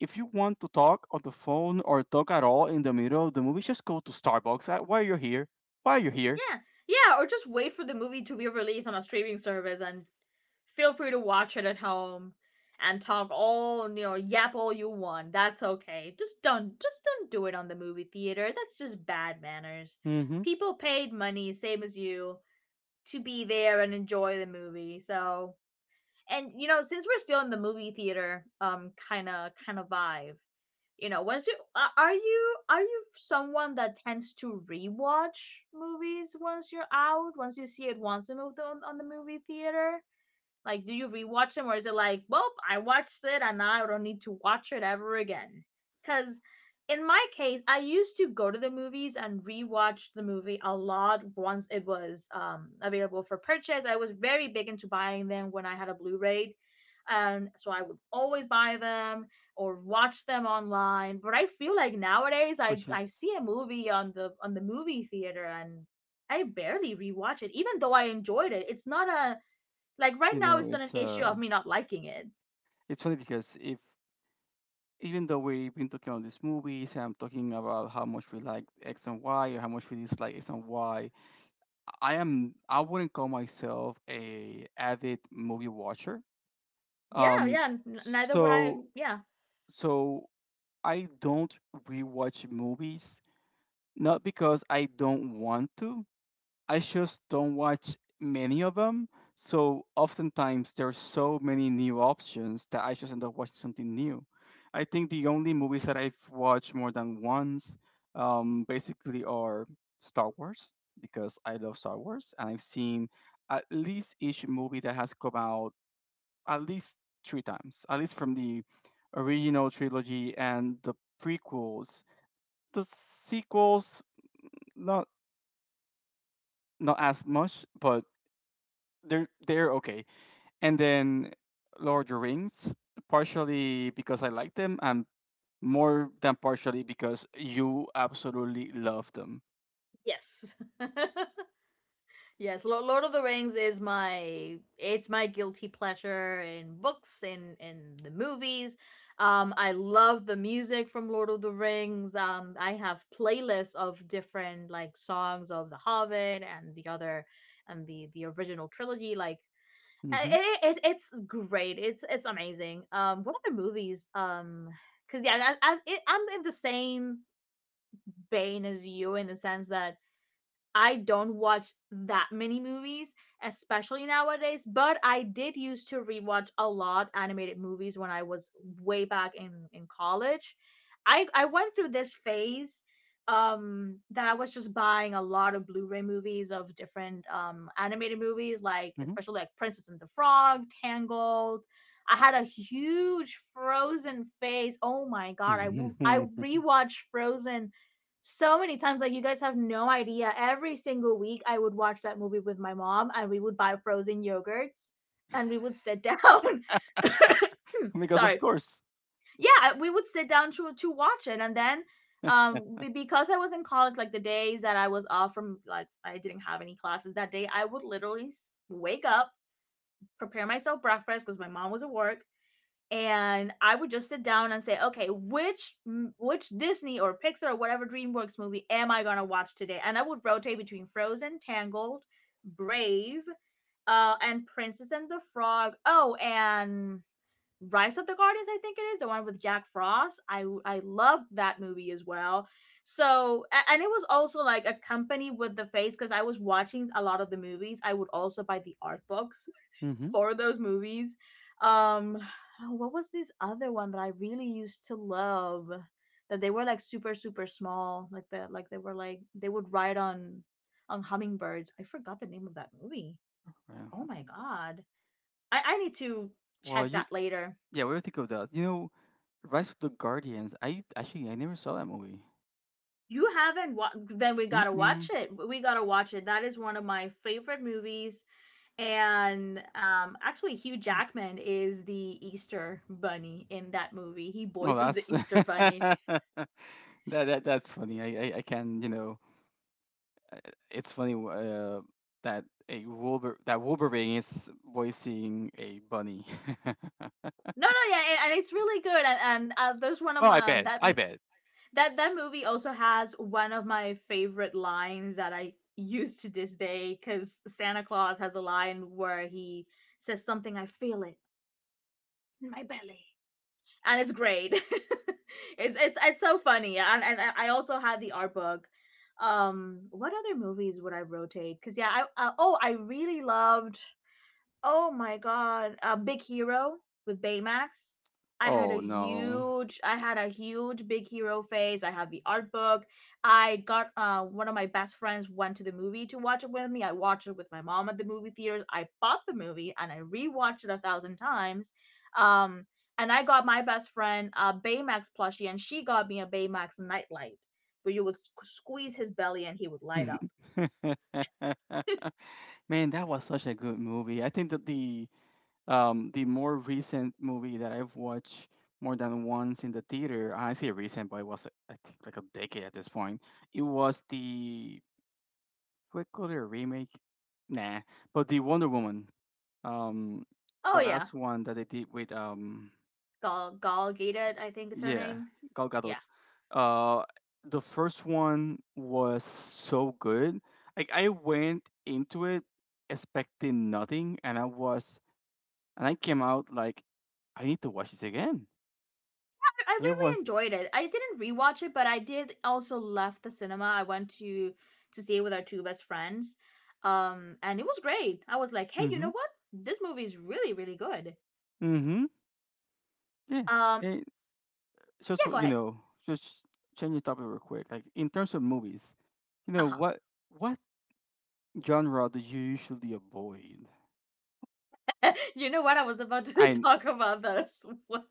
if you want to talk on the phone or talk at all in the middle of the movie, just go to Starbucks. Why you're here? Why you're here? Yeah. Yeah, or just wait for the movie to be released on a streaming service and feel free to watch it at home and talk all, you know, yap all you want. That's okay. Just don't do it on the movie theater. That's just bad manners. Hmm. People paid money same as you to be there and enjoy the movie. So, and you know, since we're still in the movie theater kind of vibe, you know, once you a- are you someone that tends to rewatch movies once you're out, once you see it once and moved on the movie theater, like, do you rewatch them, or is it like, well, I watched it and now I don't need to watch it ever again? Because in my case, I used to go to the movies and rewatch the movie a lot once it was available for purchase. I was very big into buying them when I had a Blu-ray, and so I would always buy them or watch them online. But I feel like nowadays, I Which I is, see a movie on the movie theater and I barely rewatch it, even though I enjoyed it. It's not a like right you now, know, it's not an it's issue uh, of me not liking it. it's funny because if even though we've been talking about these movies and I'm talking about how much we like X and Y or how much we dislike X and Y, I wouldn't call myself a avid movie watcher. Yeah, Um, yeah. n- Neither would I. so Yeah. so I don't rewatch movies not because I don't want to, I just don't watch many of them. So oftentimes there's so many new options that I just end up watching something new. I think the only movies that I've watched more than once basically are Star Wars because I love Star Wars, and I've seen at least each movie that has come out at least three times, at least from the original trilogy and the prequels. The sequels, not not as much, but they're okay. And then Lord of the Rings, partially because I like them, and more than partially because you absolutely love them. Yes. Yes. Lo- Lord of the Rings is my. It's my guilty pleasure in books, in the movies. I love the music from Lord of the Rings. I have playlists of different like songs of The Hobbit and the other and the original trilogy. Like Uh, Hmm. It, it, it's great. It's amazing. What other movies? Because yeah, I'm in the same vein as you in the sense that I don't watch that many movies, especially nowadays, but I did used to rewatch a lot animated movies when I was way back in college. I went through this phase that I was just buying a lot of Blu-ray movies of different animated movies like Hmm. especially like Princess and the Frog, Tangled. I had a huge Frozen phase. Oh my god, I w- I rewatched Frozen so many times, like you guys have no idea. Every single week I would watch that movie with my mom, and we would buy frozen yogurts and we would sit down. Because of Sorry. course. Yeah, we would sit down to watch it, and then because I was in college, like the days that I was off from, like I didn't have any classes that day, I would literally s- wake up, prepare myself breakfast because my mom was at work, and I would just sit down and say, okay, which Disney or Pixar or whatever DreamWorks movie am I gonna watch today? And I would rotate between Frozen, Tangled, Brave, and Princess and the Frog. Oh, and Rise of the Guardians, I think it is, the one with Jack Frost. I loved that movie as well. So a- and it was also like accompanied with the face because I was watching a lot of the movies. I would also buy the art books Hmm. for those movies. Um, oh, what was this other one that I really used to love? That they were like super super small, like the like they were like they would ride on hummingbirds. I forgot the name of that movie. Well, Oh my god, I need to well, check you that later. yeah. What do you think of that? You know, Rise of the Guardians. I never saw that movie. You haven't wa- then we gotta watch Mm-mm. it. We gotta watch it. That is one of my favorite movies. And actually Hugh Jackman is the Easter bunny in that movie. He Oh, voices that's the Easter bunny. that, that that's funny. I can you know it's funny that a Wolver that Wolverine is voicing a bunny. Oh, No, no, yeah, and it's really good, and, there's one of I my bet. that I bet. that that movie also has one of my favorite lines that I use to this day, because Santa Claus has a line where he says something, "I feel it in my belly," and it's great. It's so funny, and I also had the art book. What other movies would I rotate? Because yeah, I oh I really loved. Oh my god, Big Hero with Baymax. Oh no. I had a huge Big Hero phase. I have the art book. I got one of my best friends went to the movie to watch it with me. I watched it with my mom at the movie theaters. I bought the movie and I rewatched it a thousand times. Um, and I got my best friend a Baymax plushie, and she got me a Baymax nightlight, where you would squeeze his belly and he would light up. Man, that was such a good movie. I think that the more recent movie that I've watched more than once in the theater, I say recent, but it was I think like a decade at this point. It was the what call it a remake? Nah, but the Wonder Woman um the Oh yeah, last one that they did with Gal Gadot, I think is her yeah name. Gal Gadot. Yeah, Uh, the first one was so good. Like I went into it expecting nothing, and I was and I came out like I need to watch this again. I It really was enjoyed it. I didn't rewatch it, but I did also left the cinema. I went to see it with our two best friends, and it was great. I was like, hey, you know mhm what? This movie is really really good. mhm yeah. Um, It, just yeah, so go you ahead. know, just change the topic real quick. Like in terms of movies, you Uh know huh. What genre do you usually avoid? You know what? I was about to I talk about that as well.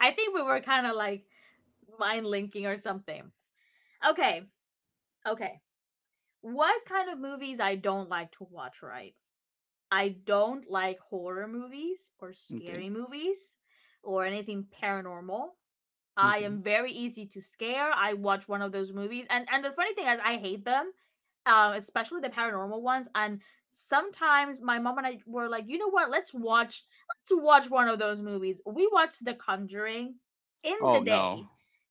I think we were kind of like mind linking or something. Okay, okay. What kind of movies I don't like to watch, right? I don't like horror movies or okay. scary movies or anything paranormal. I Okay. am very easy to scare. I watch one of those movies, and the funny thing is, I hate them, especially the paranormal ones. And sometimes my mom and I were like, you know what? Let's watch one of those movies. We watched The Conjuring in the Oh no. day,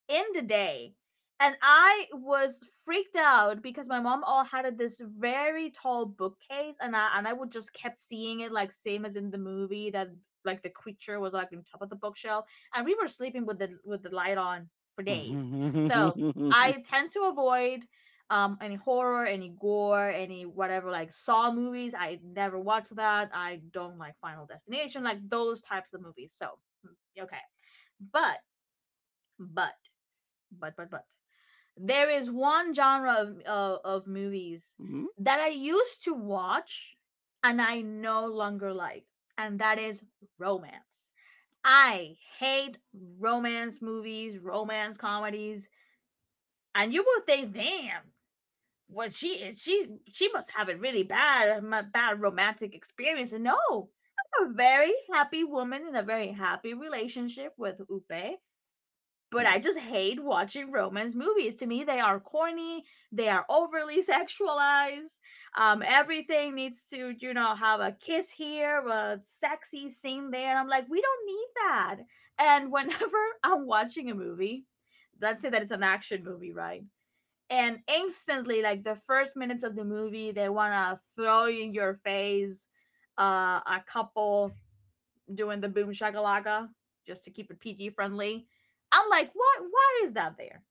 in the day, and I was freaked out because my mom all had this very tall bookcase, and I would just kept seeing it like same as in the movie that like the creature was like on top of the bookshelf, and we were sleeping with the light on for days. So I tend to avoid any horror, any gore, any whatever like Saw movies. I never watch that. I don't like Final Destination, like those types of movies. So mm, okay, but but but there is one genre of movies Mhm. that I used to watch and I no longer like, and that is romance. I hate romance movies, romance comedies, and you will think, damn, well she must have a really bad romantic experience. And no, I'm a very happy woman in a very happy relationship with Upe, but I Hello. just hate watching romance movies. To me, they are corny. They are overly sexualized. Everything needs to, you know, have a kiss here, a sexy scene there. And I'm like, we don't need that. And whenever I'm watching a movie, let's say that it's an action movie, right? And instantly, like the first minutes of the movie, they want to throw in your face a couple doing the boom shagalaga just to keep it PG friendly. I'm like, what? Why is that there?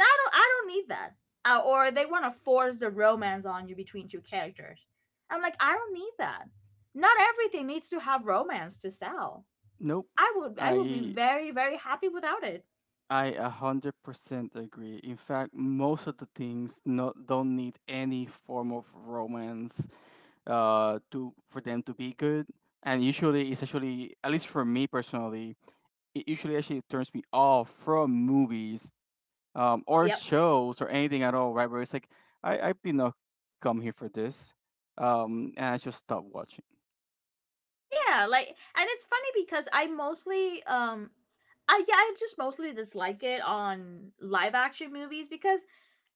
I don't. I don't need that. Or they want to force the romance on you between two characters. I'm like, I don't need that. Not everything needs to have romance to sell. Nope. I would be I very, very happy without it. I 100% agree. In fact, most of the things no, don't need any form of romance to for them to be good. And usually, it's actually at least for me personally, it usually actually turns me off from movies, or Yep. shows or anything at all. Right, where it's like I did not come here for this, and I just stop watching. Yeah. Like, and it's funny because I yeah, I just mostly dislike it on live action movies because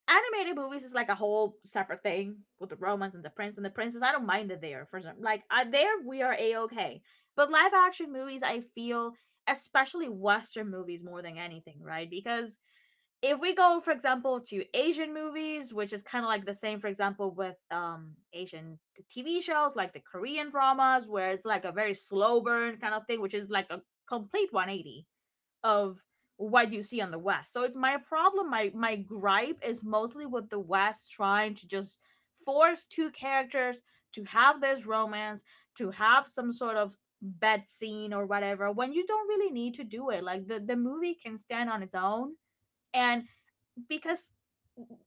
animated movies is like a whole separate thing with the romance and the prince and the princess. I don't mind it there for some. Like, I, there, we are a okay. But live action movies, I feel, especially Western movies, more than anything, right? Because if we go, for example, to Asian movies, which is kind of like the same, for example, with Asian TV shows like the Korean dramas, where it's like a very slow burn kind of thing, which is like a complete 180 of what you see on the West. So it's my problem, my gripe is mostly with the West trying to just force two characters to have this romance, to have some sort of bed scene or whatever, when you don't really need to do it. Like, the movie can stand on its own. And because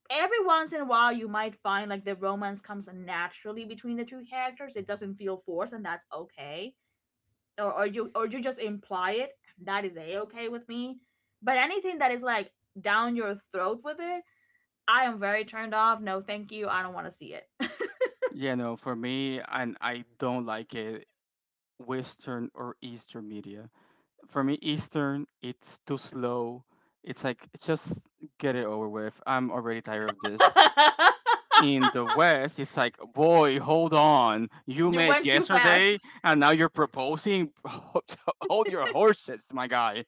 every once in a while you might find like the romance comes naturally between the two characters, it doesn't feel forced, and that's okay. Or, or you just imply it, that is a okay with me. But anything that is like down your throat with it, I am very turned off. No, thank you, I don't want to see it. Yeah, no. For me, and I don't like it, Western or Eastern media. For me, Eastern, it's too slow. It's like, just get it over with. I'm already tired of this. In the West, it's like, boy, hold on. You You met went too fast. yesterday, and now you're proposing. Hold your horses, my guy,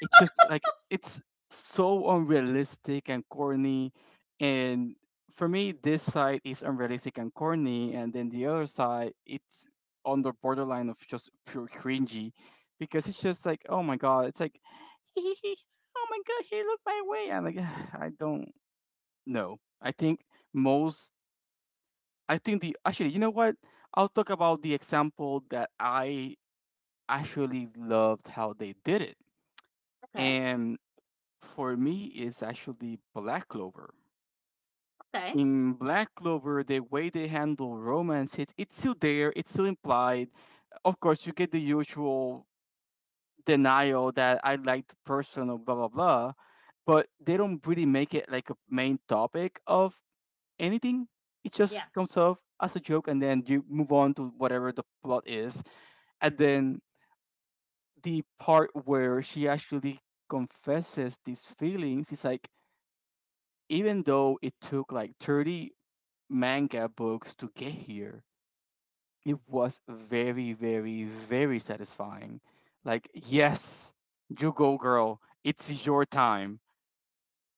it's just like it's so unrealistic and corny, and for me this side is unrealistic and corny, and then the other side it's on the borderline of just pure cringy, because it's just like oh my god it's like oh my god he looked my way. I'm like I don't know. I think most I think the actually You know what? I'll talk about the example that I actually loved how they did it, Okay. and for me is actually Black Clover. Okay. In Black Clover, the way they handle romance, it's still there, it's still implied. Of course, you get the usual denial that I like the person or blah blah blah, but they don't really make it like a main topic of anything. It just Yeah. comes off as a joke, and then you move on to whatever the plot is. And then the part where she actually confesses these feelings, it's like even though it took like 30 manga books to get here, it was very, very, very satisfying. Like, yes, you go, girl, it's your time.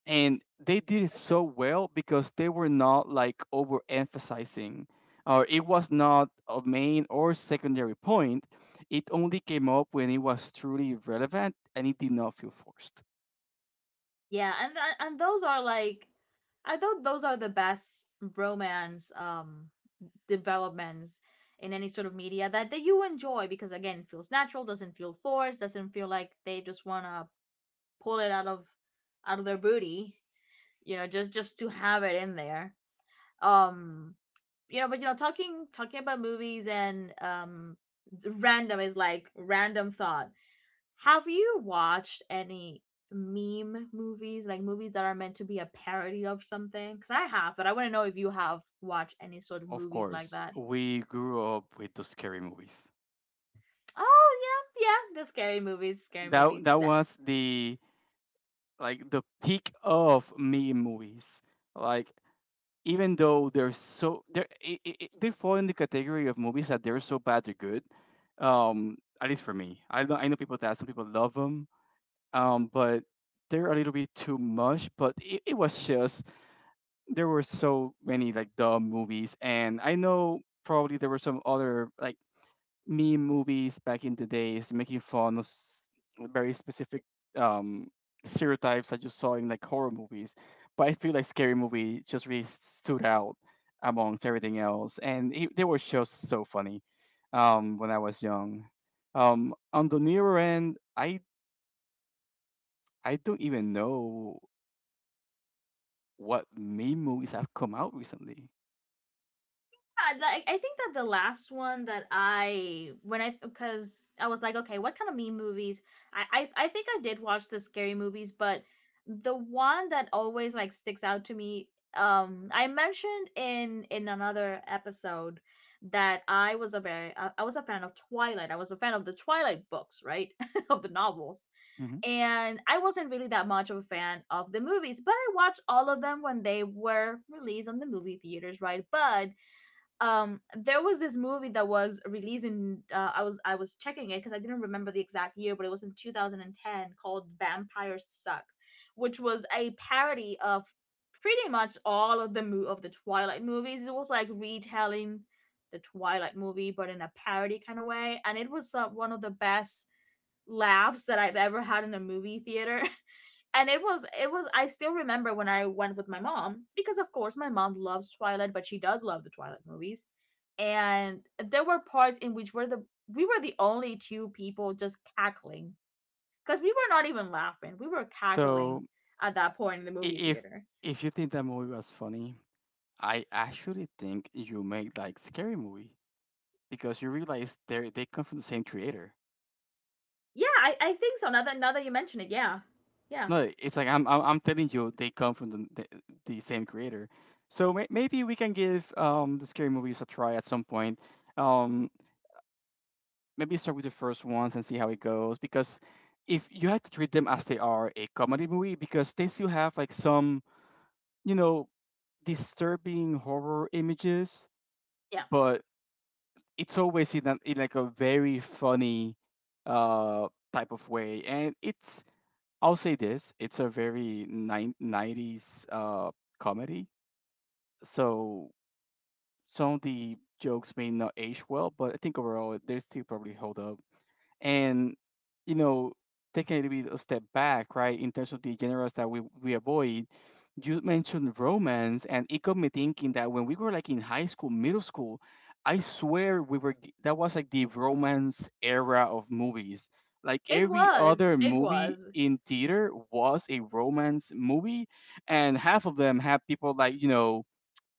And they did it so well because they were not like overemphasizing, or it was not a main or secondary point. It only came up when it was truly relevant and it did not feel forced. Yeah, and those are like I thought those are the best romance developments in any sort of media that you enjoy because again it feels natural, doesn't feel forced, doesn't feel like they just want to pull it out of their booty, you know, just to have it in there. um but you know, talking about movies and random is like random thought. Have you watched any meme movies, like movies that are meant to be a parody of something? Because I have, but I want to know if you have watched any sort of Of movies like course, that. we grew up with those scary movies. Oh, yeah, yeah, the scary movies, scary That movies that that... was the like the peak of meme movies. Like even though they're so they're I- they fall in the category of movies that they're so bad they're good. At least for me, I know people that some people love them. But they're a little bit too much. But it was just there were so many like dumb movies, and I know probably there were some other like meme movies back in the days making fun of very specific um, stereotypes that you saw in like horror movies. But I feel like Scary Movie just really stood out amongst everything else, and it, they were just so funny when I was young. On the nearer end, I don't even know what meme movies have come out recently. Yeah, like I think that the last one that I, when I, because I was like, okay, what kind of meme movies? I think I did watch the scary movies, but the one that always like sticks out to me, I mentioned in another episode that I was a fan of Twilight. I was a fan of the Twilight books, right, of the novels, Hmm. and I wasn't really that much of a fan of the movies. But I watched all of them when they were released on the movie theaters, right? But there was this movie that was released in, I was checking it because I didn't remember the exact year, but it was in 2010, called Vampires Suck, which was a parody of pretty much all of the Twilight movies. It was like retelling the Twilight movie but in a parody kind of way, and it was one of the best laughs that I've ever had in a movie theater. And it was I still remember when I went with my mom because of course my mom loves Twilight, but she does love the Twilight movies. And there were parts in which were the we were the only two people just cackling because we were not even laughing, we were cackling So at that point in the i- movie if theater. if you think that movie was funny, I actually think you make like scary movie because you realize they come from the same creator. Yeah, I think so now that you mention it. Yeah. Yeah, No, it's like I'm telling you they come from the same creator. So maybe we can give the scary movies a try at some point. Um, Maybe start with the first ones and see how it goes, because if you had to treat them as they are, a comedy movie, because they still have like some you know disturbing horror images, yeah. but it's always in, a, in like a very funny type of way. And it's, I'll say this, it's a very 90s comedy. So some of the jokes may not age well, but I think overall they still probably hold up. And, you know, taking a little bit a step back, right, in terms of the genres that we avoid, you mentioned romance, and it got me thinking that when we were like in high school, middle school, I swear that was like the romance era of movies. Like it every was other it movie was in theater was a romance movie, and half of them had people like, you know,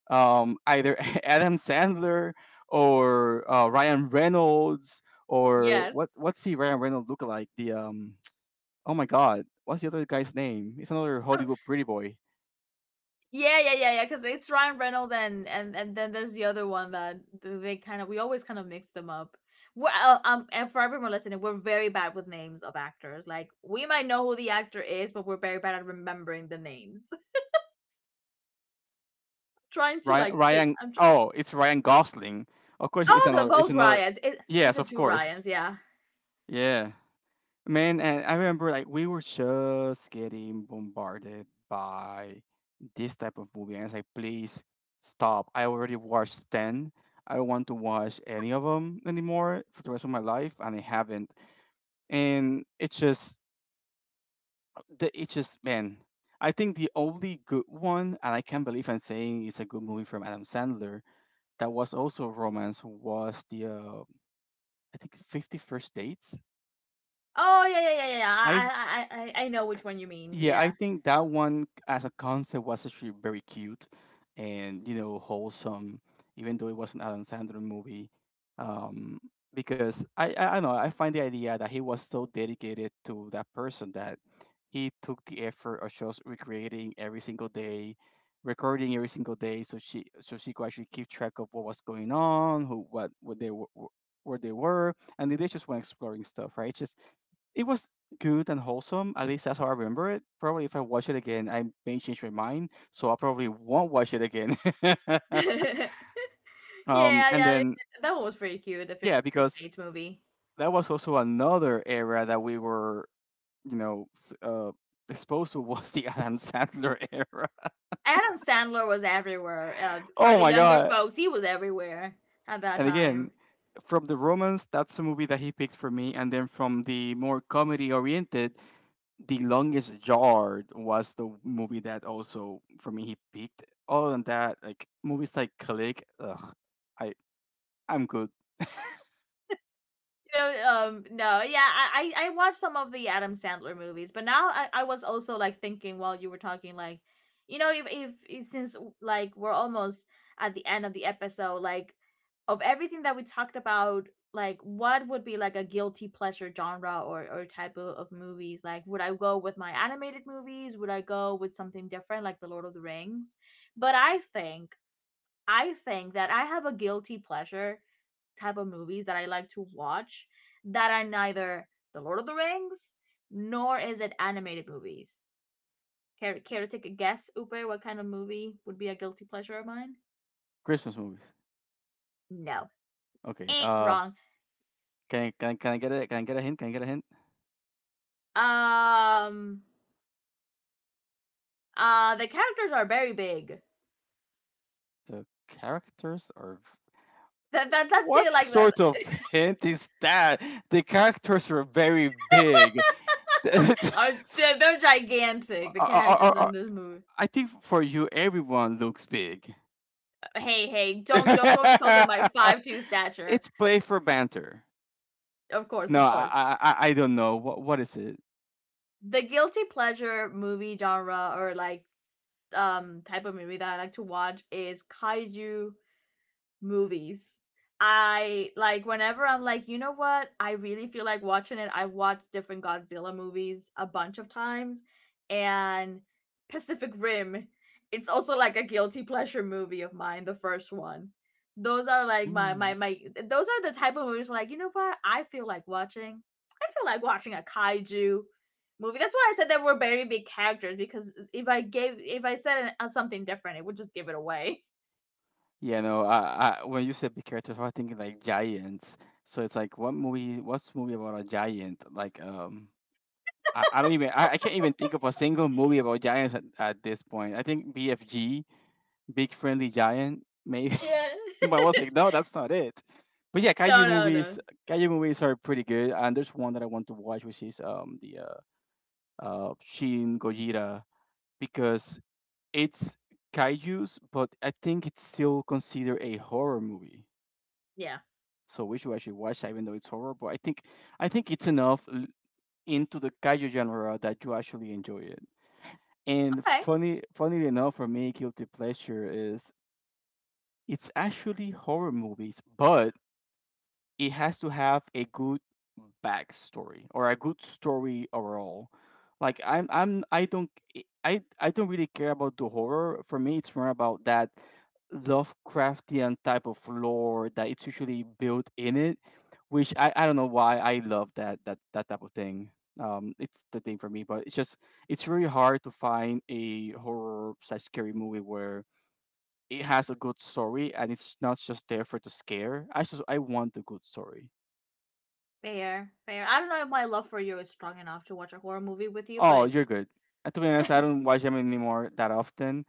either Adam Sandler or Ryan Reynolds. Or Yes. what's the Ryan Reynolds look like, the oh my god, what's the other guy's name? It's another Hollywood pretty boy. Yeah, yeah, yeah, yeah. Because it's Ryan Reynolds, and then there's the other one that they kind of we always kind of mix them up. Well, and for everyone listening, we're very bad with names of actors. Like, we might know who the actor is, but we're very bad at remembering the names. Trying to Ryan, like, fi- Ryan. I'm tr-. Oh, it's Ryan Gosling. Of course, it's Oh, the another. It's both another. Ryans. It Is Yes, it of two course. Ryans? Yeah. Yeah, man. And I remember, like, we were just getting bombarded by this type of movie, and I was like, please stop. I already watched ten. I don't want to watch any of them anymore for the rest of my life, and I haven't. And it's just, it's just, man. I think the only good one, and I can't believe I'm saying it's a good movie from Adam Sandler, that was also a romance was the I think 51st Dates. Oh, yeah, yeah, yeah, yeah. Yeah. I I I I I I know which one you mean. Yeah, I Yeah. think that one as a concept was actually very cute and, you know, wholesome, even though it was an Adam Sandler movie. Um, because I don't know, I find the idea that he was so dedicated to that person that he took the effort of just recreating every single day, recording every single day, so she could actually keep track of what was going on, who what they were, where they were, and they just went exploring stuff, right? Just it was good and wholesome. At least that's how I remember it. Probably if I watch it again, I may change my mind, so I probably won't watch it again. Yeah, and yeah. then That one was pretty cute. The yeah, 50 First because Dates movie. that was also another era that we were, you know, exposed to was the Adam Sandler era. Adam Sandler was everywhere. For Oh the my younger god! folks, he was everywhere at that And again, time. from the romance, that's a movie that he picked for me, and then from the more comedy oriented, The Longest Yard was the movie that also for me he peaked. Other than that, like movies like Click, ugh, I I'm good. No, no, yeah, I watched some of the Adam Sandler movies, but now I was also like thinking while you were talking, like, if, if since like we're almost at the end of the episode, like, of everything that we talked about, like, what would be like a guilty pleasure genre or type of movies? Like, would I go with my animated movies? Would I go with something different, like The Lord of the Rings? But I think that I have a guilty pleasure type of movies that I like to watch that are neither The Lord of the Rings nor is it animated movies. Care to take a guess, Upe, what kind of movie would be a guilty pleasure of mine? Christmas movies. No. Okay. Eh, wrong. Can I get a hint? Can I get a hint? Um, the characters are very big. The characters are. That's it. What Like, the... sort of hint is that? The characters were very big. I, are They're gigantic. The I, characters I, I in this movie. I think for you, everyone looks big. Hey, don't go it's insulting my 5'2" stature. play for banter. Of course, No, of I course. I I I don't know. What is it? The guilty pleasure movie genre or like type of movie that I like to watch is kaiju movies. I like whenever I'm like, you know what? I really feel like watching it. I've watched different Godzilla movies a bunch of times and Pacific Rim. It's also like a guilty pleasure movie of mine, the first one. Those are like my my Mm. my those are the type of movies like, you know what? I feel like watching. I feel like watching a kaiju movie. That's why I said there were very big characters because if I said something different, it would just give it away. Yeah, no. I when you said big characters, I was thinking like giants. So it's like what movie? What's movie about a giant? Like I don't even I can't even think of a single movie about giants at this point. I think BFG, Big Friendly Giant, maybe. Yeah. but I was like, no, that's not it. But yeah, No, no, no. kaiju movies are pretty good. And there's one that I want to watch, which is the Shin Gojira, because it's kaijus, but I think it's still considered a horror movie. Yeah. So we should actually watch that, even though it's horror. But I think it's enough into the kaiju genre that you actually enjoy it. And Okay. Funnily enough, for me, guilty pleasure is it's actually horror movies, but it has to have a good backstory or a good story overall. Like I don't I don't really care about the horror. For me, it's more about that Lovecraftian type of lore that it's usually built in it, which I don't know why I love that type of thing. It's the thing for me, but it's just it's really hard to find a horror slash scary movie where it has a good story and it's not just there for the scare. I want the good story. Fair. Fair. I don't know if my love for you is strong enough to watch a horror movie with you, Oh, but you're good. To be honest, I don't watch them anymore that often,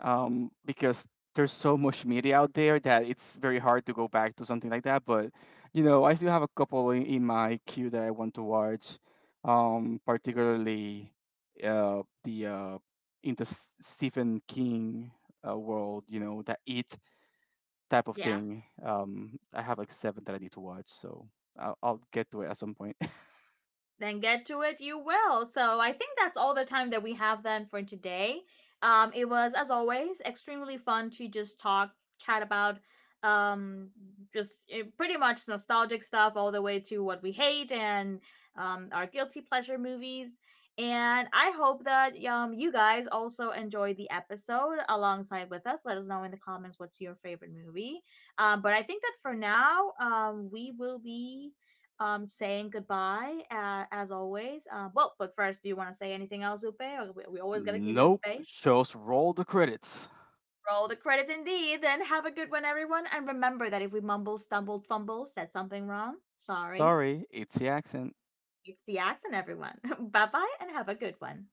because there's so much media out there that it's very hard to go back to something like that. But you know, I still have a couple in my queue that I want to watch, particularly the in the Stephen King world. You know, that It type of yeah. thing. I have like seven that I need to watch, so I'll get to it at some point. Then get to it, you will. So I think that's all the time that we have then for today. It was, as always, extremely fun to just talk, chat about um just pretty much nostalgic stuff all the way to what we hate and our guilty pleasure movies, and I hope that you guys also enjoyed the episode alongside with us. Let us know in the comments what's your favorite movie. But I think that for now we will be saying goodbye, as always. Well, but first, do you want to say anything else, Upe? Or we always gotta give you the Nope, space. just roll the credits. Roll the credits indeed. Then have a good one, everyone. And remember that if we mumble, stumbled, fumble, said something wrong, sorry. Sorry, it's the accent. It's the accent, everyone. Bye bye, and have a good one.